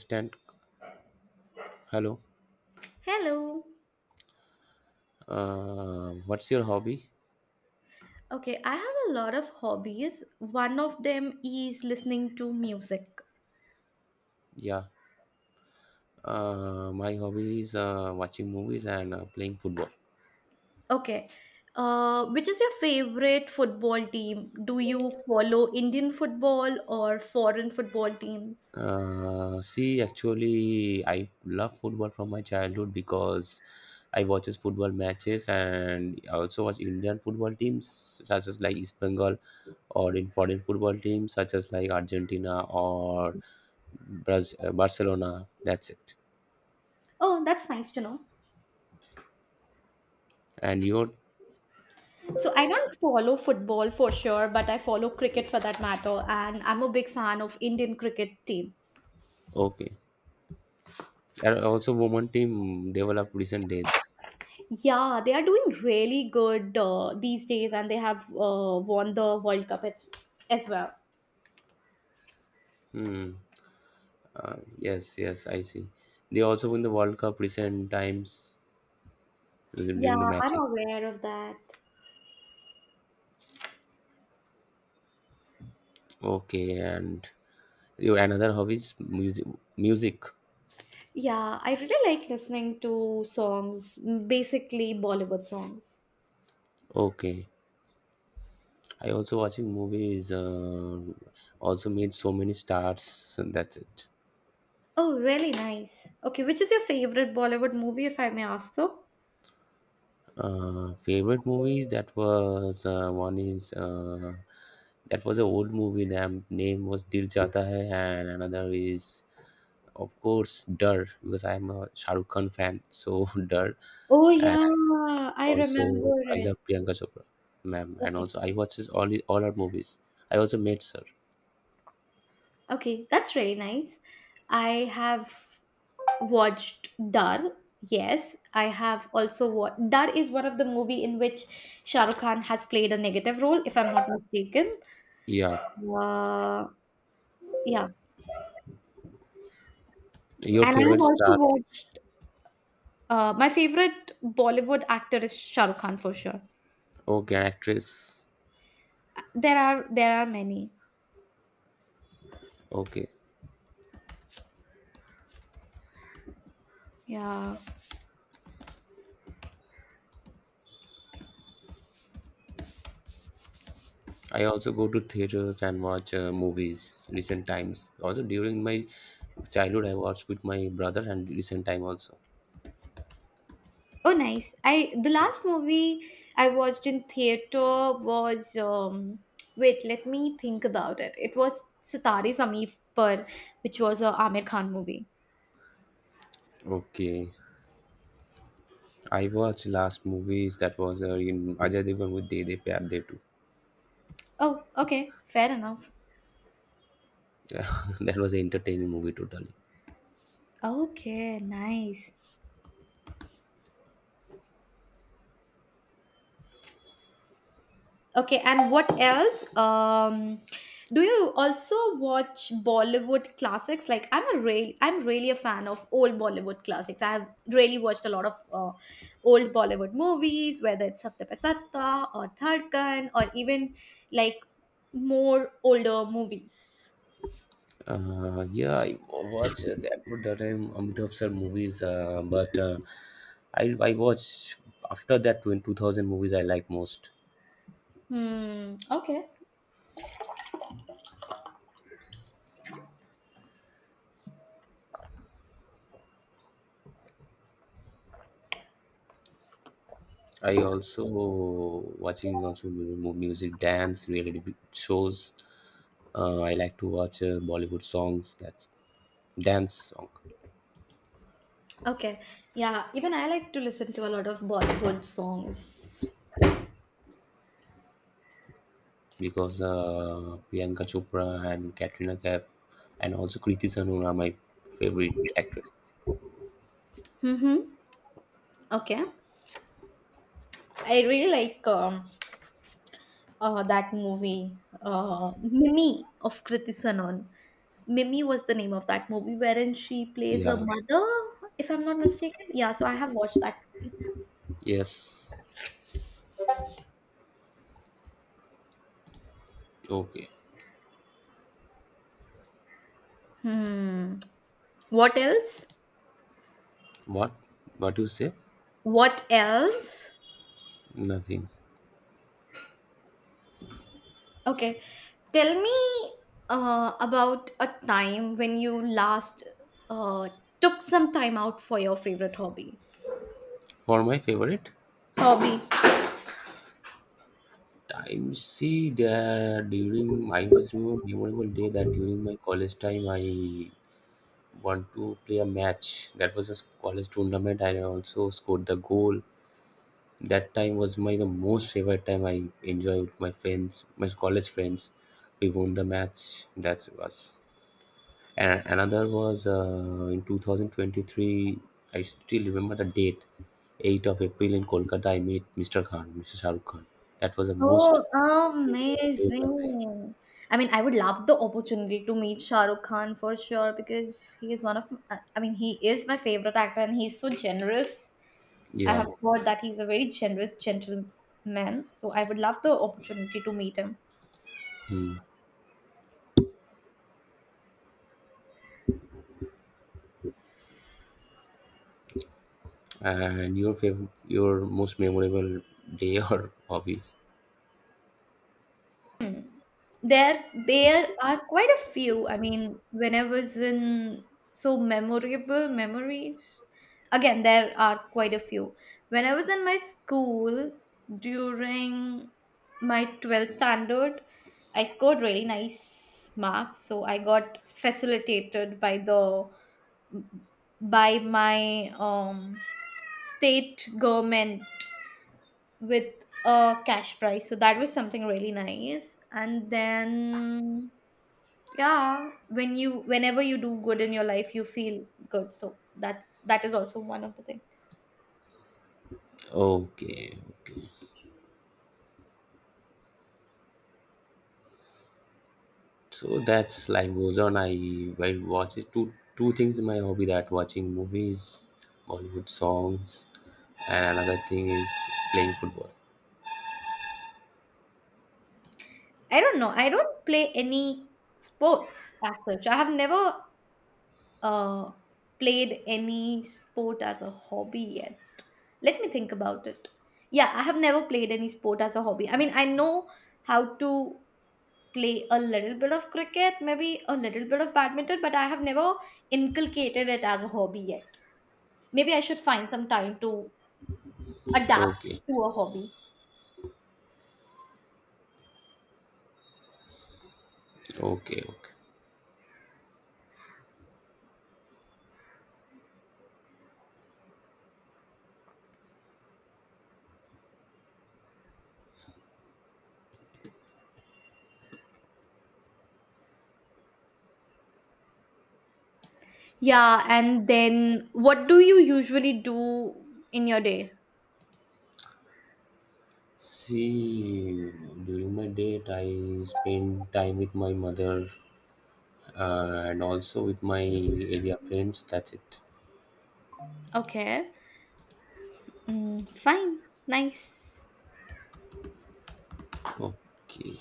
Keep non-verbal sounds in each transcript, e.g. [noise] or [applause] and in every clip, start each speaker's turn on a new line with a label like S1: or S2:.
S1: Stand. Hello.
S2: Hello.
S1: What's your hobby?
S2: Okay, I have a lot of hobbies. One of them is listening to music.
S1: Yeah. My hobby is watching movies and playing football.
S2: Okay. Which is your favorite football team? Do you follow Indian football or foreign football teams?
S1: Actually, I love football from my childhood because I watches football matches, and I also watch Indian football teams such as like East Bengal, or in foreign football teams such as like Argentina or Barcelona. That's it.
S2: Oh, that's nice to know.
S1: And you're
S2: So I don't follow football for sure, but I follow cricket for that matter, and I'm a big fan of Indian cricket team.
S1: okay. And also, women team developed recent days.
S2: Yeah, they are doing really good these days, and they have won the World Cup as well.
S1: Hmm. Yes, yes, I see. They also win the World Cup recent times
S2: Yeah,
S1: during the
S2: I'm
S1: matches.
S2: aware of that.
S1: Okay, and you another hobby is music. Music.
S2: Yeah, I really like listening to songs, basically Bollywood songs.
S1: Okay, I also watching movies. Also made so many stars. And that's it.
S2: Oh, really nice. Okay, which is your favorite Bollywood movie, if I may ask so?
S1: Favorite movies, that was one is that was an old movie name was Dil Chahta Hai, and another is of course Dar, because I am a Shah Rukh Khan fan, so [laughs] Dar,
S2: Oh,
S1: and
S2: yeah, I
S1: also
S2: remember
S1: I love
S2: it.
S1: Priyanka Chopra ma'am, and
S2: Okay,
S1: also I watches all her movies. I also met sir,
S2: okay, that's really nice. I have watched Dar. Yes, I have also watched. Dar is one of the movie in which Shah Rukh Khan has played a negative role, if I'm not mistaken.
S1: yeah.
S2: Uh, yeah.
S1: Your
S2: And I have
S1: favorite
S2: also
S1: stars?
S2: watched my favorite Bollywood actor is Shah Rukh Khan for sure.
S1: Oh, okay, actress.
S2: There are many.
S1: Okay,
S2: Yeah.
S1: I also go to theaters and watch movies recent times. Also during my childhood I watched with my brother, and recent time also.
S2: Oh, nice. I the last movie I watched in theater was wait, let me think about it. It was Sitare Sameer Par, which was a Amir Khan movie.
S1: Okay. I watched last movies, that was in Ajay Devgn with De De Pyar De too.
S2: Oh, okay, fair enough.
S1: [laughs] That was an entertaining movie totally.
S2: Okay, nice. Okay, and what else? Do you also watch Bollywood classics? Like, I'm really a fan of old Bollywood classics. I have really watched a lot of old Bollywood movies, whether it's Satya Pe Satta or Tharkan, or even like more older movies.
S1: Yeah, I watched that at that time Amitabh sir movies, but I watched after that in 2000 movies I like most.
S2: Hmm. Okay.
S1: I also watching also music, dance, reality shows. I like to watch Bollywood songs. That's dance, song.
S2: Okay. Yeah. Even I like to listen to a lot of Bollywood songs.
S1: Because Priyanka Chopra and Katrina Kaif, and also Kriti Sanon are my favorite actresses.
S2: Mm-hmm. Okay. I really like that movie, Mimi of Kriti Sanon. Mimi was the name of that movie, wherein she plays a
S1: Yeah.
S2: mother, if I'm not mistaken. Yeah, so I have watched that movie.
S1: Yes. Okay.
S2: Hmm. What else?
S1: What? What do you say?
S2: What else?
S1: Nothing.
S2: Okay, tell me about a time when you last uh, took some time out for your favorite hobby.
S1: For my favorite
S2: Hobby.
S1: time, see, that during I was remember memorable day, that during my college time I want to play a match. That was a college tournament. I also scored the goal. That time was my the most favorite time. I enjoyed with my friends, my college friends, we won the match. That's was. And another was in 2023, I still remember the date, 8th of April, in Kolkata I met Mr. Khan, Mr. shahrukh khan. That was the most
S2: Oh,
S1: memorable day of my life.
S2: amazing. I mean, I would love the opportunity to meet Shah Rukh Khan for sure because he is one of, he is my favorite actor and he's so generous. I have
S1: Yeah.
S2: heard that he's a very generous gentleman. So I would love the opportunity to meet him.
S1: Hmm. And your favorite, your most memorable day or [laughs] hobbies.
S2: There are quite a few. I mean, when I was in so memorable memories, again, there are quite a few. When I was in my school during my 12th standard, I scored really nice marks, so I got facilitated by the by my state government with a cash prize. So that was something really nice. And then yeah, whenever you do good in your life, you feel good. So that is also one of the things.
S1: Okay, okay. So that's life goes on. I watch it two things in my hobby, that watching movies, Bollywood songs, and another thing is playing football.
S2: I don't know. I don't play any sports as such. I have never uh played any sport as a hobby yet. Let me think about it. Yeah, I have never played any sport as a hobby. I mean, I know how to play a little bit of cricket, maybe a little bit of badminton, but I have never inculcated it as a hobby yet. Maybe I should find some time to adapt
S1: Okay,
S2: to a hobby.
S1: okay, okay.
S2: Yeah, and then what do you usually do in your day?
S1: See, during my date, I spend time with my mother and also with my area friends. That's it.
S2: Okay. Mm, fine. Nice.
S1: Okay.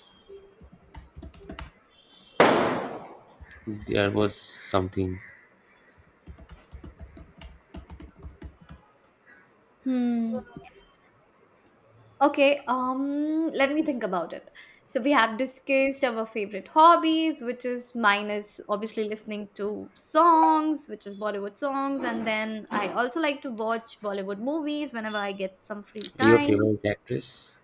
S1: There was something.
S2: Hmm. Okay, let me think about it. So we have discussed our favorite hobbies, which is mine is obviously listening to songs, which is Bollywood songs, and then I also like to watch Bollywood movies whenever I get some free
S1: Your
S2: time.
S1: favorite actress?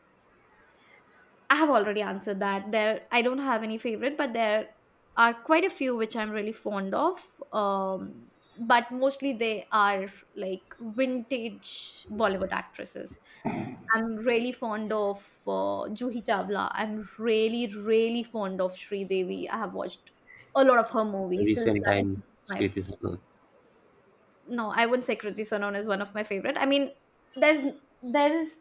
S2: I have already answered that. There, I don't have any favorite, but there are quite a few which I'm really fond of. Um, but mostly they are like vintage Bollywood actresses. I'm really fond of Juhi Chawla. I'm really, really fond of Sridevi. I have watched a lot of her movies.
S1: Recent
S2: Silsila is
S1: times,
S2: one of my
S1: Kriti Sanon.
S2: no, I wouldn't say Kriti Sanon is one of my favorite. I mean, there's there is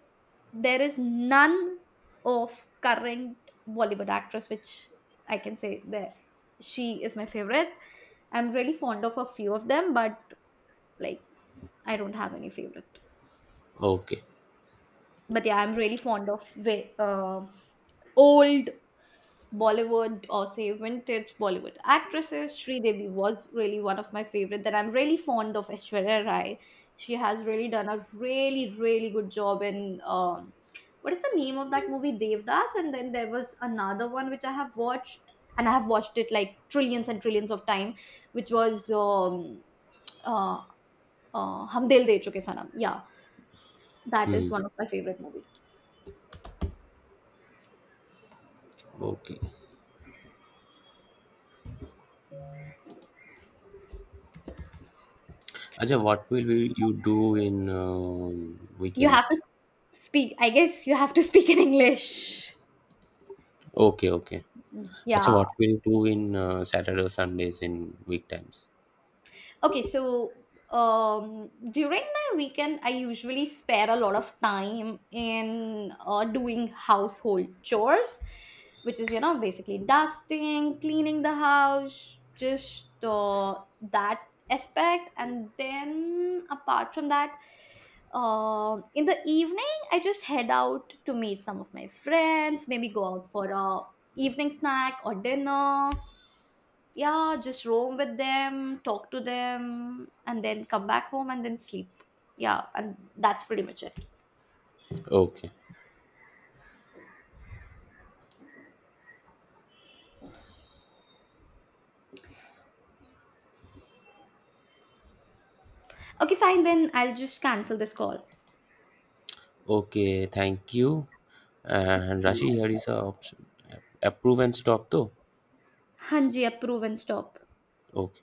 S2: there is none of current Bollywood actress which I can say that she is my favorite. I'm really fond of a few of them, but like I don't have any favorite.
S1: Okay.
S2: But yeah, I'm really fond of old Bollywood or say vintage Bollywood actresses. Sridevi was really one of my favorite that I'm really fond of Aishwarya Rai. She has really done a really, really good job in what is the name of that movie? Devdas. And then there was another one which I have watched and I have watched it like trillions and trillions of time, which was uh, Hum Dil De Chuke Sanam. Yeah, that is
S1: Hmm.
S2: one of my favorite movie.
S1: Okay. Acha, you do in
S2: You
S1: weekend?
S2: have to speak, I guess you have to speak in English.
S1: Okay, okay. Acha,
S2: Yeah.
S1: what will you do in Saturday or Sundays in weektimes?
S2: Okay, so during my weekend, I usually spare a lot of time in doing household chores, which is, you know, basically dusting, cleaning the house, just that aspect. And then apart from that, in the evening, I just head out to meet some of my friends, maybe go out for a evening snack or dinner, yeah, just roam with them, talk to them, and then come back home and then sleep. Yeah, and that's pretty much it.
S1: Okay,
S2: Okay, fine, then I'll just cancel this call.
S1: okay. Thank you. And Rashi, here is a option. Approve and stop though.
S2: हाँ जी, approve and stop.
S1: Okay.